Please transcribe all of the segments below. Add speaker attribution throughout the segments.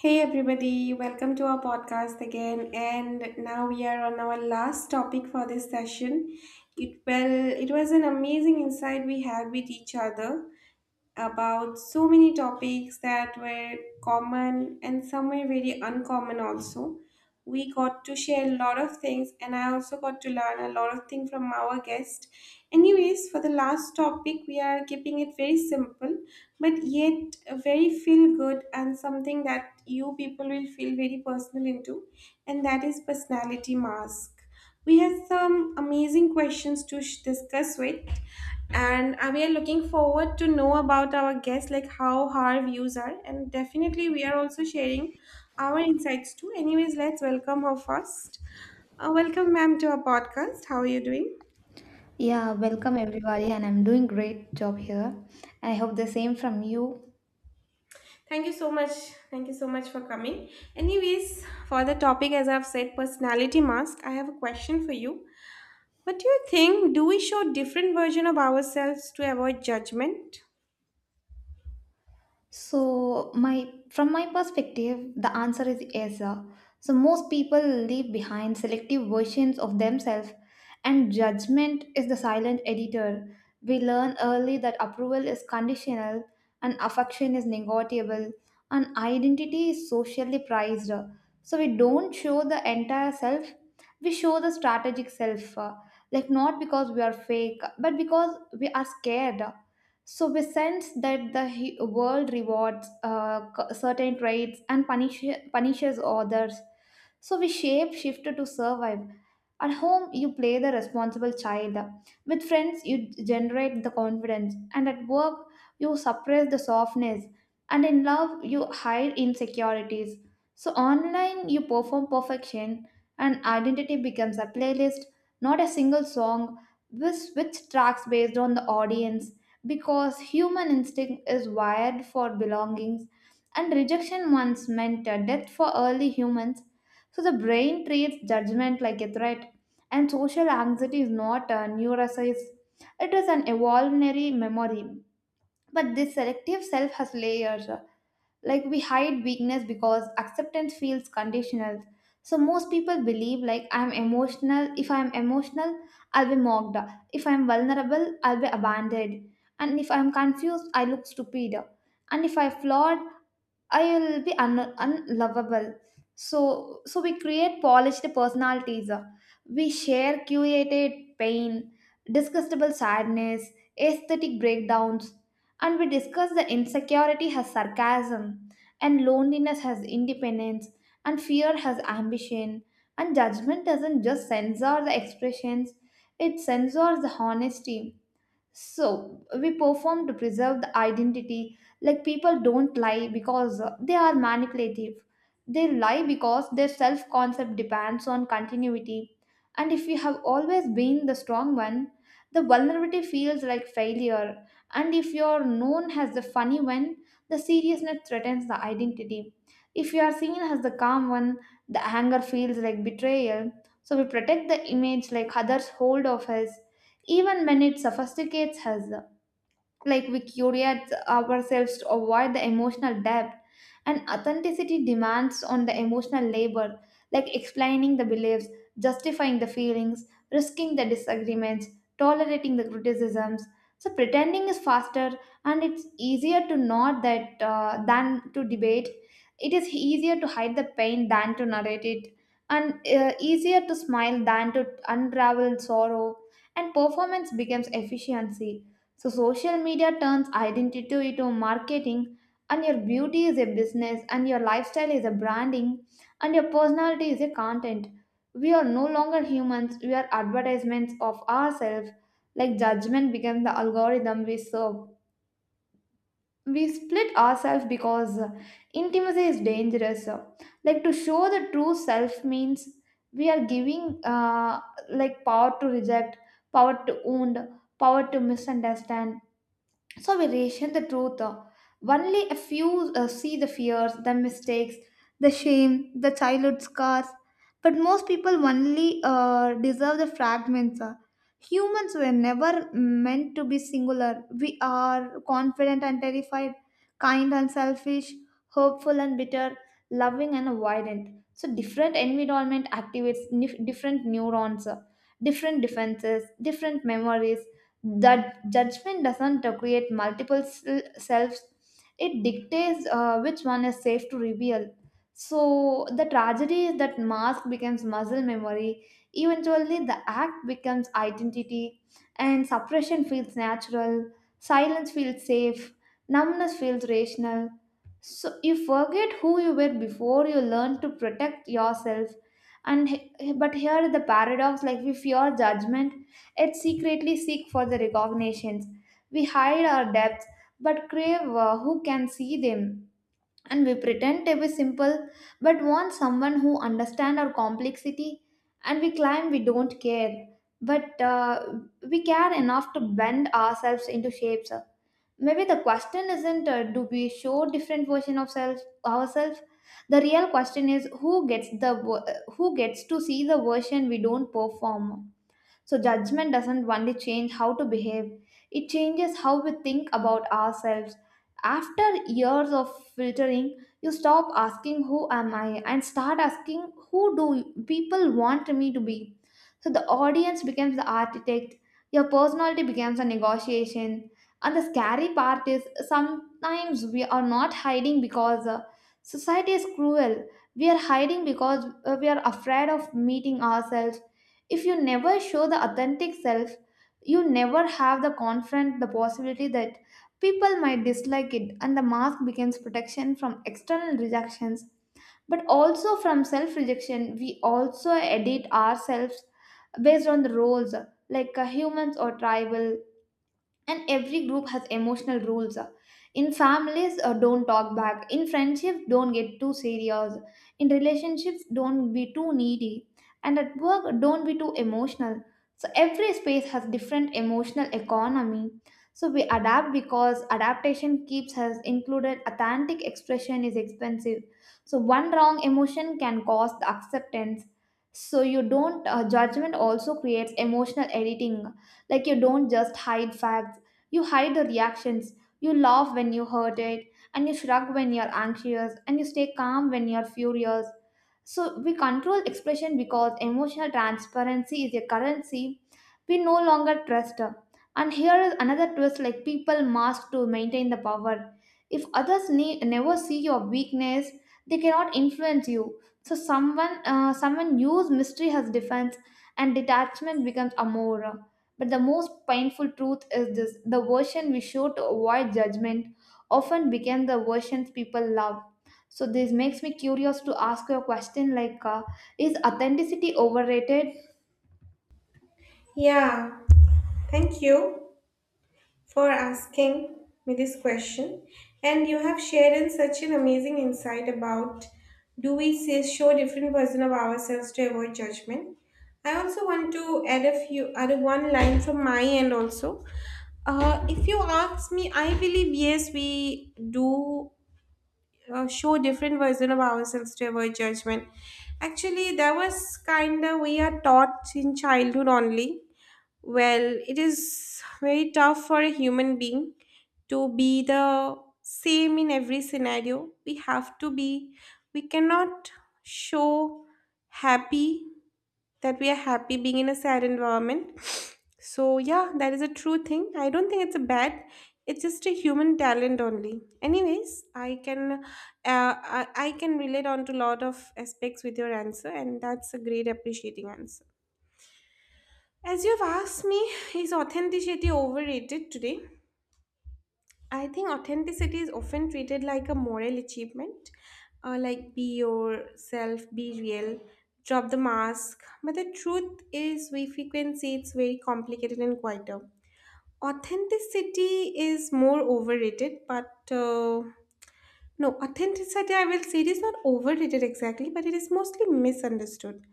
Speaker 1: Hey everybody, welcome to our podcast again. And now we are on our last topic for this session. It well, it was an amazing insight we had with each other about so many topics that were common and some were very uncommon also. We got to share a lot of things, and I also got to learn a lot of things from our guest. Anyways, for the last topic, we are keeping it very simple, but yet very feel good and something that you people will feel very personal into, and that is personality mask. We have some amazing questions to discuss with, and we are looking forward to know about our guests, like how her views are, and definitely we are also sharing our insights too. Anyways, let's welcome her first. Welcome ma'am to our podcast. How are you doing?
Speaker 2: Yeah, welcome everybody, and I'm doing great job here. I hope the same from you.
Speaker 1: Thank you so much. Thank you so much for coming. Anyways, for the topic, as I've said, personality mask, I have a question for you. What do you think? Do we show different version of ourselves to avoid judgment?
Speaker 2: So my from my perspective, the answer is yes. So most people leave behind selective versions of themselves, and judgment is the silent editor. We learn early that approval is conditional, and affection is negotiable, and identity is socially prized. So we don't show the entire self; we show the strategic self, like not because we are fake, but because we are scared. So we sense that the world rewards certain traits and punishes others. So we shape shift to survive. At home, you play the responsible child. With friends, you generate the confidence. And at work, you suppress the softness. And in love, you hide insecurities. So online, you perform perfection, and identity becomes a playlist, not a single song, which tracks based on the audience, because human instinct is wired for belongings, and rejection once meant a death for early humans, so the brain treats judgment like a threat, and social anxiety is not a neuroscience, it is an evolutionary memory. But this selective self has layers, like we hide weakness because acceptance feels conditional. So most people believe like, I'm emotional. If I'm emotional, I'll be mocked. If I'm vulnerable, I'll be abandoned. And if I'm confused, I look stupid. And if I flawed, I will be unlovable. So we create polished personalities. We share curated pain, disgustable sadness, aesthetic breakdowns, and we discuss the insecurity has sarcasm, and loneliness has independence, and fear has ambition. And judgment doesn't just censor the expressions; it censors the honesty, so we perform to preserve the identity, like people don't lie because they are manipulative. They lie because their self concept depends on continuity. And if you have always been the strong one, the vulnerability feels like failure. And if you're known as the funny one, the seriousness threatens the identity. If you are seen as the calm one, the anger feels like betrayal. So we protect the image like others hold of us, even when it sophisticates us, like we curate ourselves to avoid the emotional depth. And authenticity demands on the emotional labor, like explaining the beliefs, justifying the feelings, risking the disagreements, tolerating the criticisms. So pretending is faster, and it's easier to nod that than to debate. It is easier to hide the pain than to narrate it, and easier to smile than to unravel sorrow, and performance becomes efficiency. So social media turns identity into marketing, and your beauty is a business, and your lifestyle is a branding, and your personality is a content. We are no longer humans, we are advertisements of ourselves. Like judgment becomes the algorithm we serve. We split ourselves because intimacy is dangerous. Like to show the true self means we are giving like power to reject, power to wound, power to misunderstand. So we ration the truth, only a few see the fears, the mistakes, the shame, the childhood scars. But most people only deserve the fragments. Humans were never meant to be singular. We are confident and terrified, kind and selfish, hopeful and bitter, loving and avoidant. So different environment activates different neurons, different defenses, different memories, that judgment doesn't create multiple selves. It dictates which one is safe to reveal. So the tragedy is that mask becomes muscle memory. Eventually the act becomes identity, and suppression feels natural, silence feels safe, numbness feels rational. So you forget who you were before you learn to protect yourself. But here is the paradox, like we fear judgment, yet secretly seek for the recognitions. We hide our depths, but crave who can see them. And we pretend to be simple, but want someone who understands our complexity. And we claim we don't care. But we care enough to bend ourselves into shapes. Maybe the question isn't do we show different version of self ourselves. The real question is who gets to see the version we don't perform. So, judgment doesn't only change how to behave, it changes how we think about ourselves. After years of filtering, you stop asking who am I, and start asking who do people want me to be. So, the audience becomes the architect, your personality becomes a negotiation. And the scary part is sometimes we are not hiding because society is cruel. We are hiding because we are afraid of meeting ourselves. If you never show the authentic self, you never have the confront the possibility that people might dislike it, and the mask becomes protection from external rejections, but also from self rejection. We also edit ourselves based on the roles, like humans or tribal, and every group has emotional rules. In families, don't talk back. In friendships, don't get too serious. In relationships, don't be too needy. And at work, don't be too emotional. So every space has different emotional economy. So we adapt because adaptation keeps us included. Authentic expression is expensive, so one wrong emotion can cause the acceptance. So you don't judgment also creates emotional editing, like you don't just hide facts, you hide the reactions, you laugh when you hurt it, and you shrug when you're anxious, and you stay calm when you're furious. So we control expression because emotional transparency is a currency we no longer trust. And here is another twist, like people mask to maintain the power. If others never see your weakness, they cannot influence you. So someone use mystery as defense, and detachment becomes amor. But the most painful truth is this: the version we show to avoid judgment often became the versions people love. So, this makes me curious to ask you a question like is authenticity overrated?
Speaker 1: Yeah, thank you for asking me this question. And you have shared in such an amazing insight about, do we see, show different version of ourselves to avoid judgment. I also want to add a few other one line from my end also. If you ask me, I believe yes, we do show different version of ourselves to avoid judgment. Actually, that was kind of we are taught in childhood only. Well, it is very tough for a human being to be the same in every scenario. We have to be, we cannot show happy that we are happy being in a sad environment. So, yeah, that is a true thing. I don't think it's a bad, it's just a human talent only. Anyways, I can. I can relate on to a lot of aspects with your answer, and that's a great appreciating answer. As you've asked me, is authenticity overrated today? I think authenticity is often treated like a moral achievement, like be yourself, be real, drop the mask. But the truth is, we frequency it's very complicated and quieter. Authenticity is more overrated, but no, authenticity, I will say, it is not overrated exactly, but it is mostly misunderstood.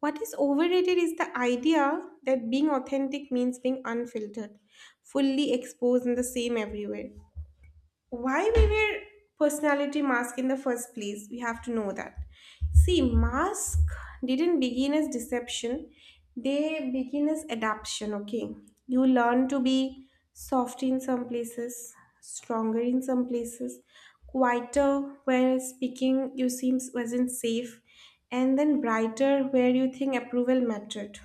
Speaker 1: What is overrated is the idea that being authentic means being unfiltered, fully exposed, and the same everywhere. Why we wear personality mask in the first place, we have to know that, see, mask didn't begin as deception, they begin as adaptation. Okay, you learn to be soft in some places, stronger in some places, quieter where speaking you seems wasn't safe, and then brighter where you think approval mattered.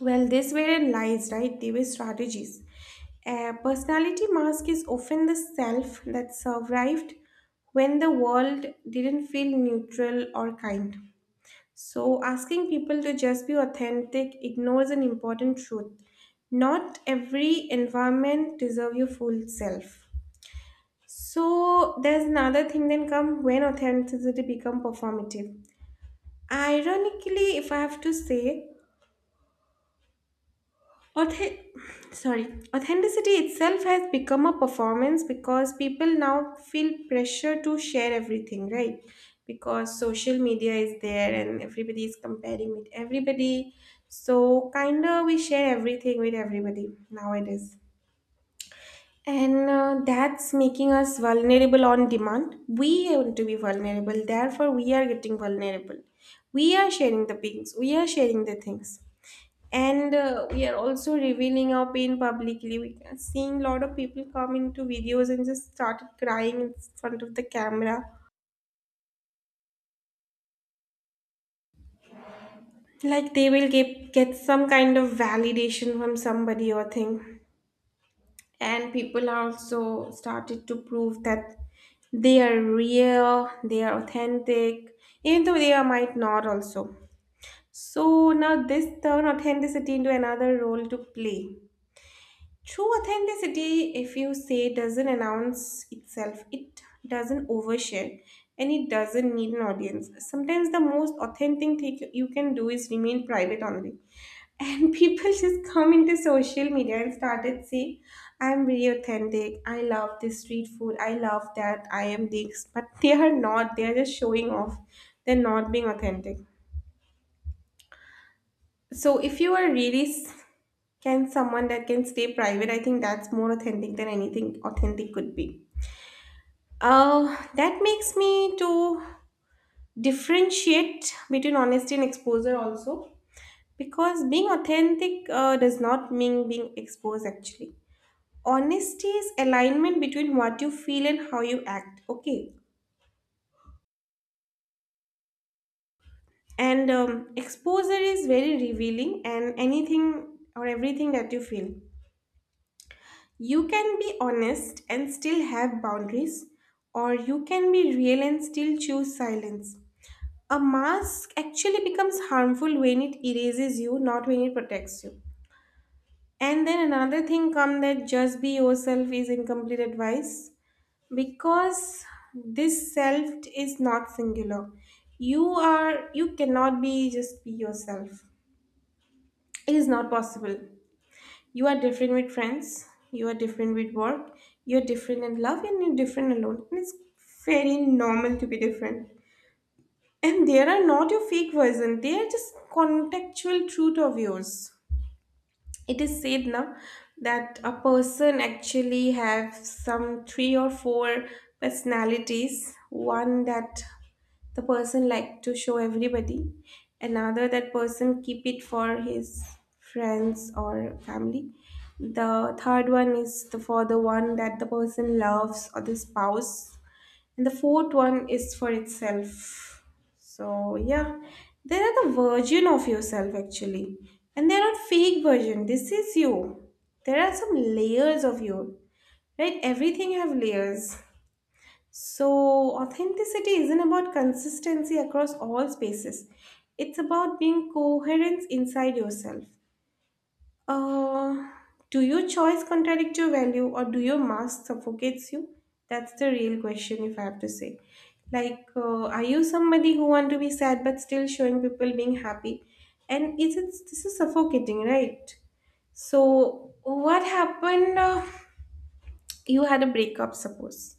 Speaker 1: Well, this were lies, right? They were strategies. A personality mask is often the self that survived when the world didn't feel neutral or kind. So, asking people to just be authentic ignores an important truth. Not every environment deserves your full self. So there's another thing then come, when authenticity become performative. Ironically, if I have to say, Auth- sorry authenticity itself has become a performance, because people now feel pressure to share everything, right? Because social media is there and everybody is comparing with everybody, so kinda we share everything with everybody nowadays. And that's making us vulnerable on demand. We want to be vulnerable, therefore we are getting vulnerable. We are sharing the things, we are sharing the things, and we are also revealing our pain publicly. We are seeing a lot of people come into videos and just started crying in front of the camera, like they will get some kind of validation from somebody or thing. And people are also started to prove that they are real, they are authentic, even though they are might not also. So now this turn authenticity into another role to play. True authenticity, if you say, doesn't announce itself, it doesn't overshare, and it doesn't need an audience. Sometimes the most authentic thing you can do is remain private only. And people just come into social media and started saying, I'm really authentic, I love this street food, I love that, I am this. But they are not, they are just showing off, they're not being authentic. So if you are really can someone that can stay private? I think that's more authentic than anything authentic could be. That makes me to differentiate between honesty and exposure also, because being authentic does not mean being exposed actually. Honesty is alignment between what you feel and how you act. Okay. And exposure is very revealing and anything or everything that you feel. You can be honest and still have boundaries, or you can be real and still choose silence. A mask actually becomes harmful when it erases you, not when it protects you. And then another thing come, that just be yourself is incomplete advice, because this self is not singular. You are, you cannot be just be yourself. It is not possible. You are different with friends, you are different with work, you're different in love, and you're different alone. And it's very normal to be different. And there are not your fake version, they are just contextual truth of yours. It is said now that a person actually have some three or four personalities. One that the person like to show everybody, another that person keep it for his friends or family, the third one is the for the one that the person loves or the spouse, and the fourth one is for itself. So yeah, there are the version of yourself actually, and they're not fake version, this is you. There are some layers of you, right? Everything have layers. So, authenticity isn't about consistency across all spaces. It's about being coherent inside yourself. Uh, do your choice contradict your value, or do your mask suffocates you? That's the real question, if I have to say. Like, are you somebody who want to be sad but still showing people being happy? And is it this is suffocating, right? So, what happened? You had a breakup, suppose,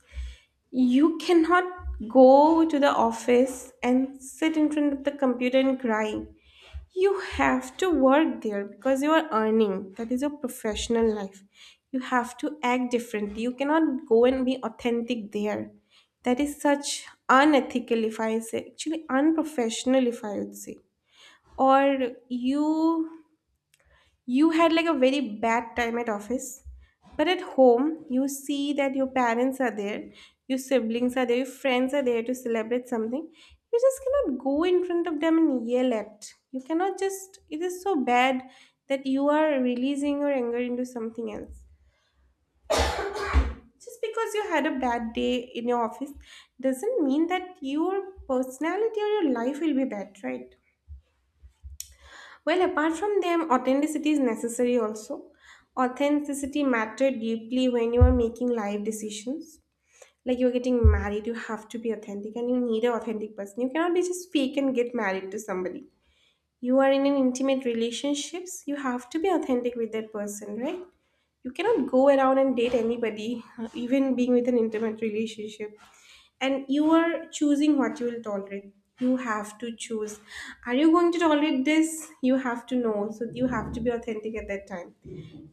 Speaker 1: you cannot go to the office and sit in front of the computer and cry. You have to work there because you are earning. That is your professional life. You have to act differently. You cannot go and be authentic there. That is such unethical, if I say, actually unprofessional, if I would say. Or you you had like a very bad time at office, but at home, you see that your parents are there, your siblings are there, your friends are there to celebrate something. You just cannot go in front of them and yell at. You cannot just, it is so bad that you are releasing your anger into something else. Just because you had a bad day in your office doesn't mean that your personality or your life will be bad, right? Well, apart from them, authenticity is necessary also. Authenticity matter deeply when you are making life decisions. Like you're getting married, you have to be authentic and you need an authentic person. You cannot be just fake and get married to somebody. You are in an intimate relationships, you have to be authentic with that person, right? You cannot go around and date anybody, even being with an intimate relationship. And you are choosing what you will tolerate. You have to choose, are you going to tolerate this? You have to know, so you have to be authentic at that time.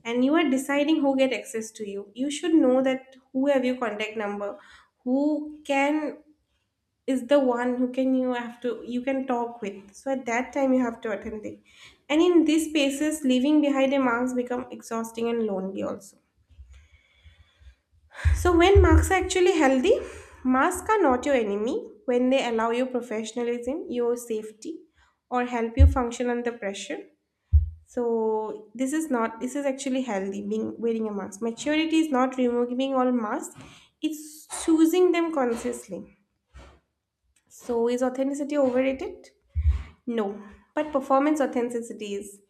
Speaker 1: And you are deciding who get access to you. You should know that who have your contact number, who can, is the one who can, you have to, you can talk with. So at that time you have to authentic. And in these spaces, leaving behind a mask become exhausting and lonely also. So when marks are actually healthy, masks are not your enemy when they allow you professionalism, your safety, or help you function under pressure. So this is not, this is actually healthy being wearing a mask. Maturity is not removing all masks, it's choosing them consciously. So is authenticity overrated? No, but performance authenticity is.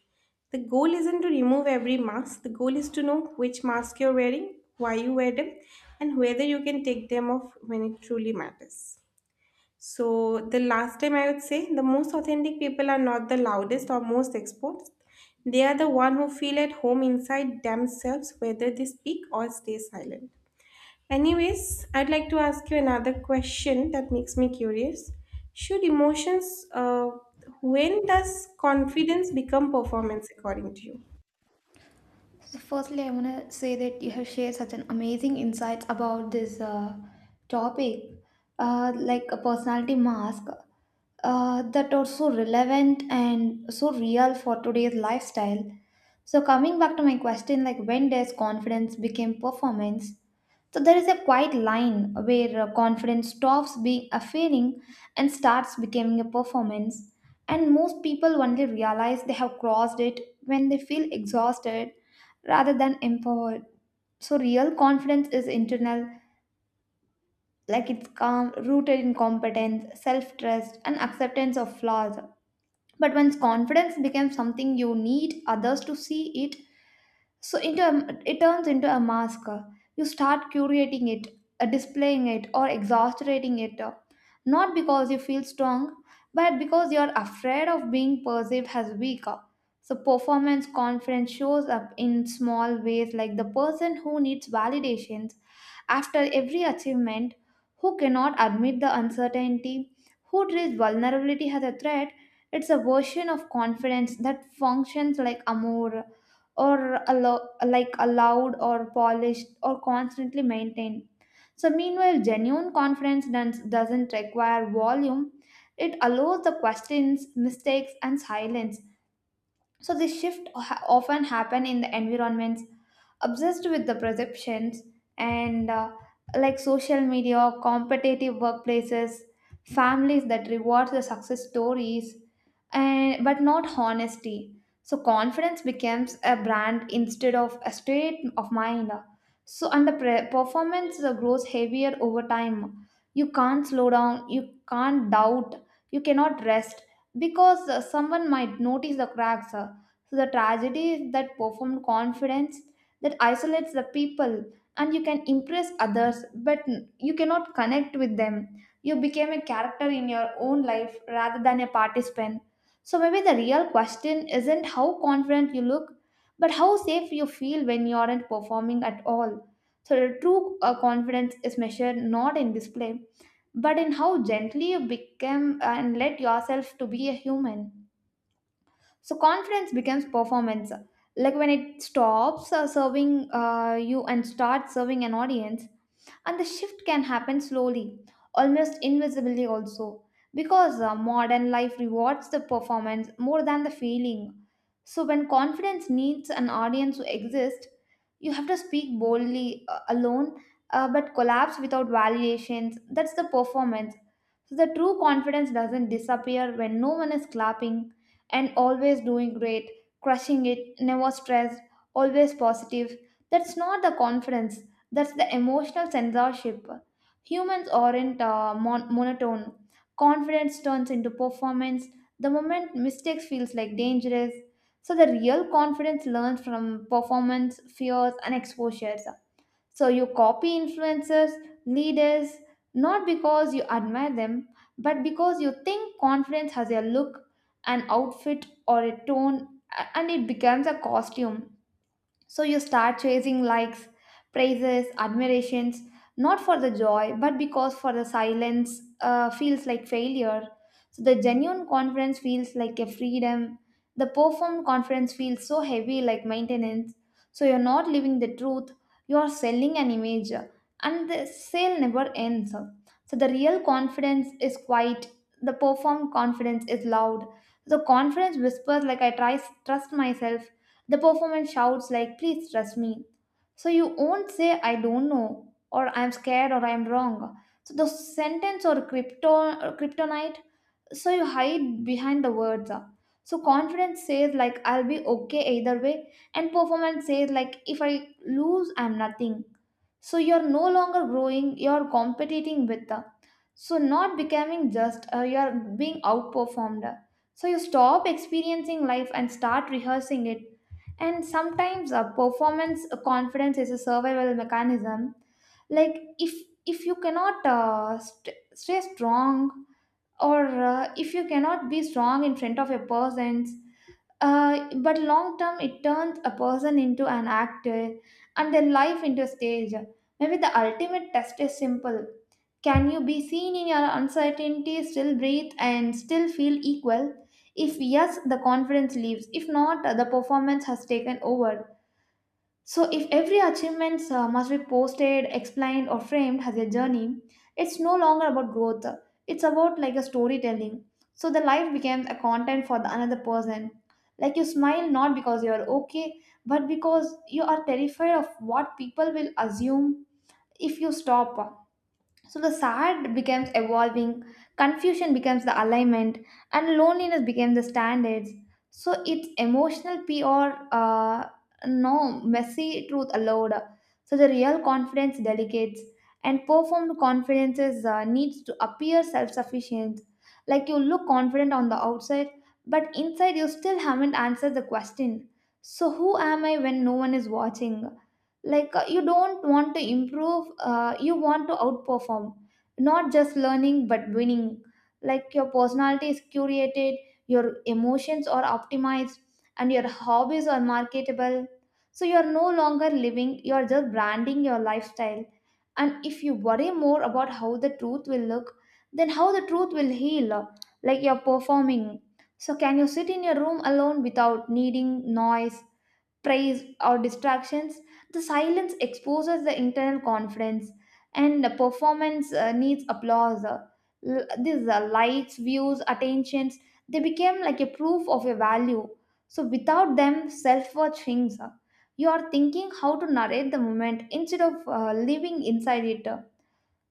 Speaker 1: The goal isn't to remove every mask, the goal is to know which mask you're wearing, why you wear them, and whether you can take them off when it truly matters. So, the last time I would say the most authentic people are not the loudest or most exposed. They are the one who feel at home inside themselves, whether they speak or stay silent. Anyways, I'd like to ask you another question that makes me curious. Should emotions, uh, when does confidence become performance according to you?
Speaker 2: So firstly, I want to say that you have shared such an amazing insights about this topic, like a personality mask, that are so relevant and so real for today's lifestyle. So coming back to my question, like when does confidence became performance? So there is a quiet line where confidence stops being a feeling and starts becoming a performance. And most people only realize they have crossed it when they feel exhausted rather than empowered. So real confidence is internal, like it's calm, rooted in competence, self-trust, and acceptance of flaws. But once confidence becomes something you need others to see it, so into a, it turns into a mask. You start curating it, displaying it, or exaggerating it, not because you feel strong, but because you're afraid of being perceived as weaker. So performance confidence shows up in small ways, like the person who needs validation after every achievement, who cannot admit the uncertainty, who treats vulnerability as a threat. It's a version of confidence that functions like amour, or like allowed or polished or constantly maintained. So, meanwhile, genuine confidence doesn't require volume, it allows the questions, mistakes, and silence. So this shift often happen in the environments obsessed with the perceptions, and like social media, competitive workplaces, families that reward the success stories, and but not honesty. So confidence becomes a brand instead of a state of mind. So and the performance grows heavier over time. You can't slow down. You can't doubt. You cannot rest because someone might notice the cracks. So the tragedy is that performed confidence that isolates the people, and you can impress others but you cannot connect with them. You became a character in your own life rather than a participant. So maybe the real question isn't how confident you look, but how safe you feel when you aren't performing at all. So the true confidence is measured not in display, but in how gently you become and let yourself to be a human. So confidence becomes performance, like when it stops serving you and starts serving an audience, and the shift can happen slowly, almost invisibly also, because modern life rewards the performance more than the feeling. So, when confidence needs an audience to exist, you have to speak boldly alone, but collapse without validations. That's the performance. So, the true confidence doesn't disappear when no one is clapping, and always doing great, crushing it, never stressed, always positive. That's not the confidence, that's the emotional censorship. Humans aren't monotone. Confidence turns into performance. The moment mistakes feels like dangerous. So the real confidence learns from performance, fears, and exposures. So you copy influencers, leaders, not because you admire them, but because you think confidence has a look, an outfit, or a tone, and it becomes a costume. So you start chasing likes, praises, admirations, not for the joy, but because for the silence feels like failure. So the genuine confidence feels like a freedom. The performed confidence feels so heavy, like maintenance. So you're not living the truth, you're selling an image, and the sale never ends. So the real confidence is quiet, the performed confidence is loud. The confidence whispers, like, I try, trust myself. The performance shouts like, please trust me. So you won't say, I don't know, or I'm scared, or I'm wrong. So the sentence or krypton, or kryptonite, so you hide behind the words. So confidence says, like, I'll be okay either way, and performance says, like, if I lose, I'm nothing. So you're no longer growing, you're competing with the, so not becoming, just you're being outperformed. So you stop experiencing life and start rehearsing it. And sometimes performance confidence is a survival mechanism, like if you cannot stay strong, or if you cannot be strong in front of a person, but long term, it turns a person into an actor, and their life into a stage. Maybe the ultimate test is simple. Can you be seen in your uncertainty, still breathe, and still feel equal? If yes, the confidence leaves. If not, the performance has taken over. So, if every achievement must be posted, explained, or framed as a journey, it's no longer about growth. It's about like a storytelling. So, the life becomes a content for the another person. Like, you smile not because you are okay, but because you are terrified of what people will assume if you stop. So the sad becomes evolving, confusion becomes the alignment, and loneliness becomes the standards. So it's emotional PR, no messy truth allowed. So the real confidence delegates, and performed confidences needs to appear self-sufficient. Like, you look confident on the outside, but inside you still haven't answered the question. So who am I when no one is watching? Like you don't want to improve, you want to outperform, not just learning but winning. Like your personality is curated, your emotions are optimized, and your hobbies are marketable. So you are no longer living, you are just branding your lifestyle. And if you worry more about how the truth will look then how the truth will heal, like you're performing. So can you sit in your room alone without needing noise, praise, or distractions? The silence exposes the internal confidence, and the performance needs applause. These likes, views, attentions, they became like a proof of your value. So without them, self-worth shrinks. You are thinking how to narrate the moment instead of living inside it.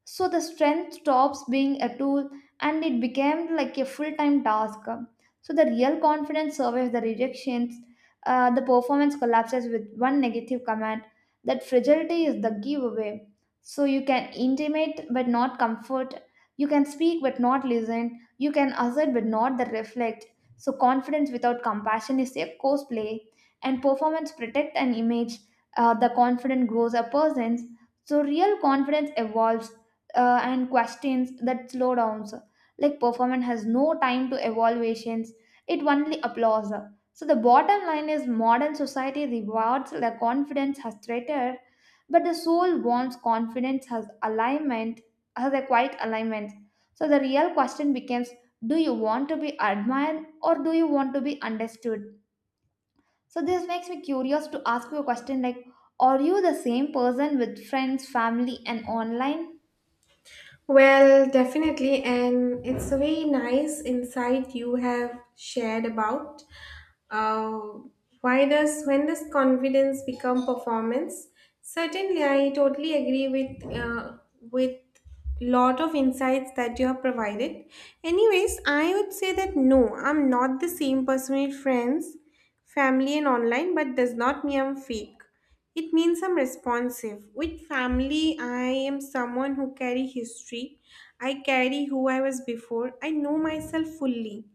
Speaker 2: So the strength stops being a tool, and it became like a full time task. So the real confidence survives the rejections, the performance collapses with one negative command. That fragility is the giveaway. So you can intimate but not comfort, you can speak but not listen, you can assert but not the reflect. So confidence without compassion is a cosplay, and performance protect an image. The confident grows a person's. So real confidence evolves and questions that slow downs. Like performance has no time to evaluations; it only applause. So the bottom line is modern society rewards the confidence has traitor, but the soul wants confidence has alignment, has a quiet alignment. So the real question becomes: do you want to be admired or do you want to be understood? So this makes me curious to ask you a question like: are you the same person with friends, family, and online?
Speaker 1: Well, definitely, and it's a very nice insight you have shared about uh, why does when does confidence become performance? Certainly, I totally agree with with lot of insights that you have provided. Anyways, I would say that no, I'm not the same person with friends, family, and online, but does not mean I'm fake. It means I'm responsive. With family, I am someone who carry history. I carry who I was before. I know myself fully.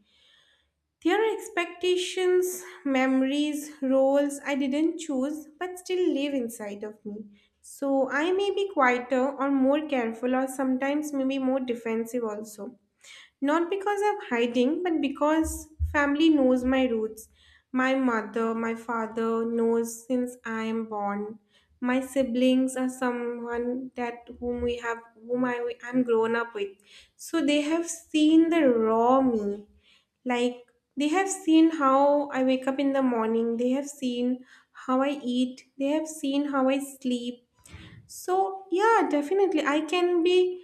Speaker 1: There are expectations, memories, roles I didn't choose but still live inside of me. So I may be quieter or more careful or sometimes maybe more defensive also. Not because of hiding, but because family knows my roots. My mother, my father knows since I am born. My siblings are someone that whom we have whom I am grown up with. So they have seen the raw me. Like they have seen how I wake up in the morning, they have seen how I eat, they have seen how I sleep. So yeah, definitely I can be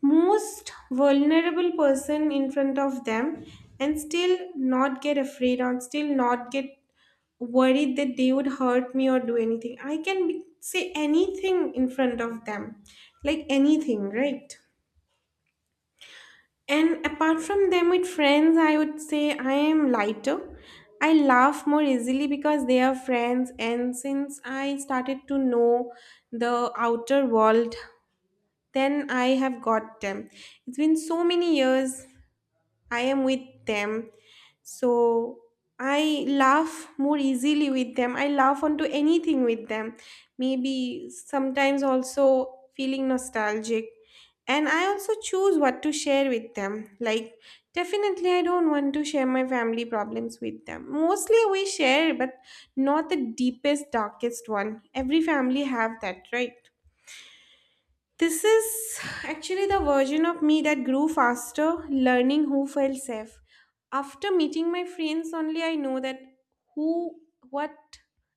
Speaker 1: most vulnerable person in front of them and still not get afraid or still not get worried that they would hurt me or do anything. I can be, say anything in front of them, like anything, right? And apart from them, with friends, I would say I am lighter. I laugh more easily because they are friends, and since I started to know the outer world, then I have got them. It's been so many years I am with them. So I laugh more easily with them. I laugh onto anything with them. Maybe sometimes also feeling nostalgic. And I also choose what to share with them. Like, definitely, I don't want to share my family problems with them. Mostly, we share, but not the deepest, darkest one. Every family have that, right? This is actually the version of me that grew faster, learning who felt safe. After meeting my friends only I know that who what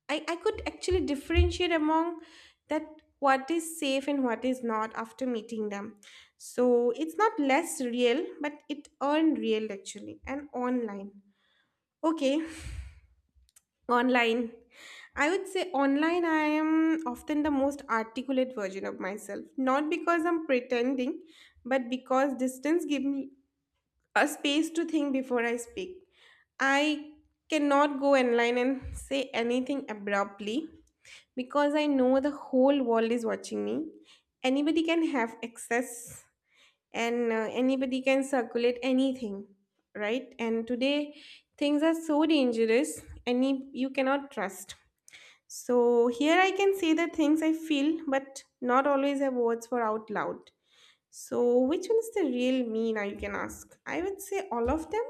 Speaker 1: I could actually differentiate among that what is safe and what is not after meeting them. So it's not less real, but it earned real actually. And online. Okay. Online. I would say online, I am often the most articulate version of myself. Not because I'm pretending, but because distance gives me a space to think before I speak. I cannot go online and say anything abruptly because I know the whole world is watching me. Anybody can have access, and anybody can circulate anything, right? And today things are so dangerous, and you cannot trust. So here I can say the things I feel, but not always have words for out loud. So which one is the real me, now you can ask? I would say all of them,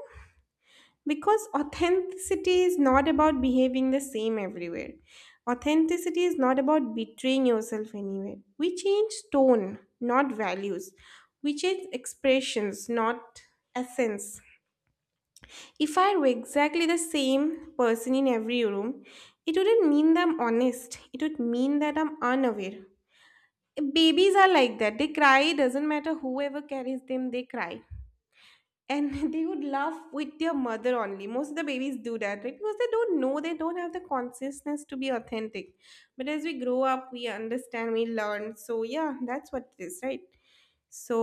Speaker 1: because authenticity is not about behaving the same everywhere. Authenticity is not about betraying yourself anywhere. We change tone, not values. We change expressions, not essence. If I were exactly the same person in every room, it wouldn't mean that I'm honest. It would mean that I'm unaware. Babies are like that. They cry, it doesn't matter whoever carries them, they cry, and they would laugh with their mother only. Most of the babies do that, right? Because they don't know, they don't have the consciousness to be authentic. But as we grow up, we understand, we learn. So yeah, that's what it is, right? So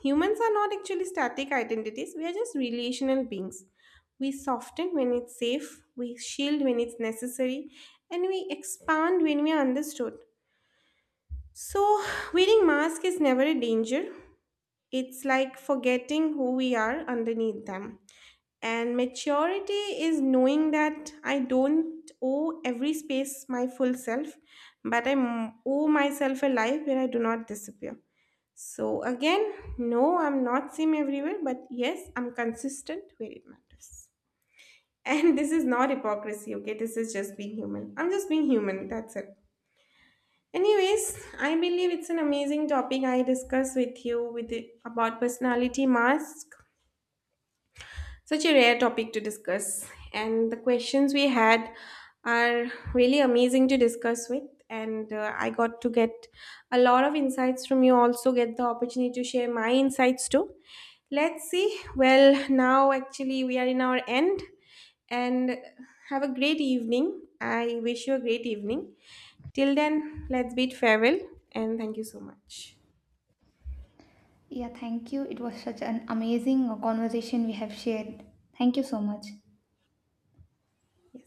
Speaker 1: humans are not actually static identities, we are just relational beings. We soften when it's safe, we shield when it's necessary, and we expand when we are understood. So wearing mask is never a danger. It's like forgetting who we are underneath them. And maturity is knowing that I don't owe every space my full self, but owe myself a life where I do not disappear. So, again, no, I'm not same everywhere, but yes, I'm consistent where it matters. And this is not hypocrisy, okay? This is just being human. I'm just being human, that's it. Anyways, I believe it's an amazing topic I discuss with you about personality mask. Such a rare topic to discuss, and the questions we had are really amazing to discuss with. And I got to get a lot of insights from you, also, get the opportunity to share my insights too. Let's see. Well, now actually, we are in our end, and have a great evening. I wish you a great evening. Till then, let's bid farewell, and thank you so much.
Speaker 2: Yeah, thank you. It was such an amazing conversation we have shared. Thank you so much.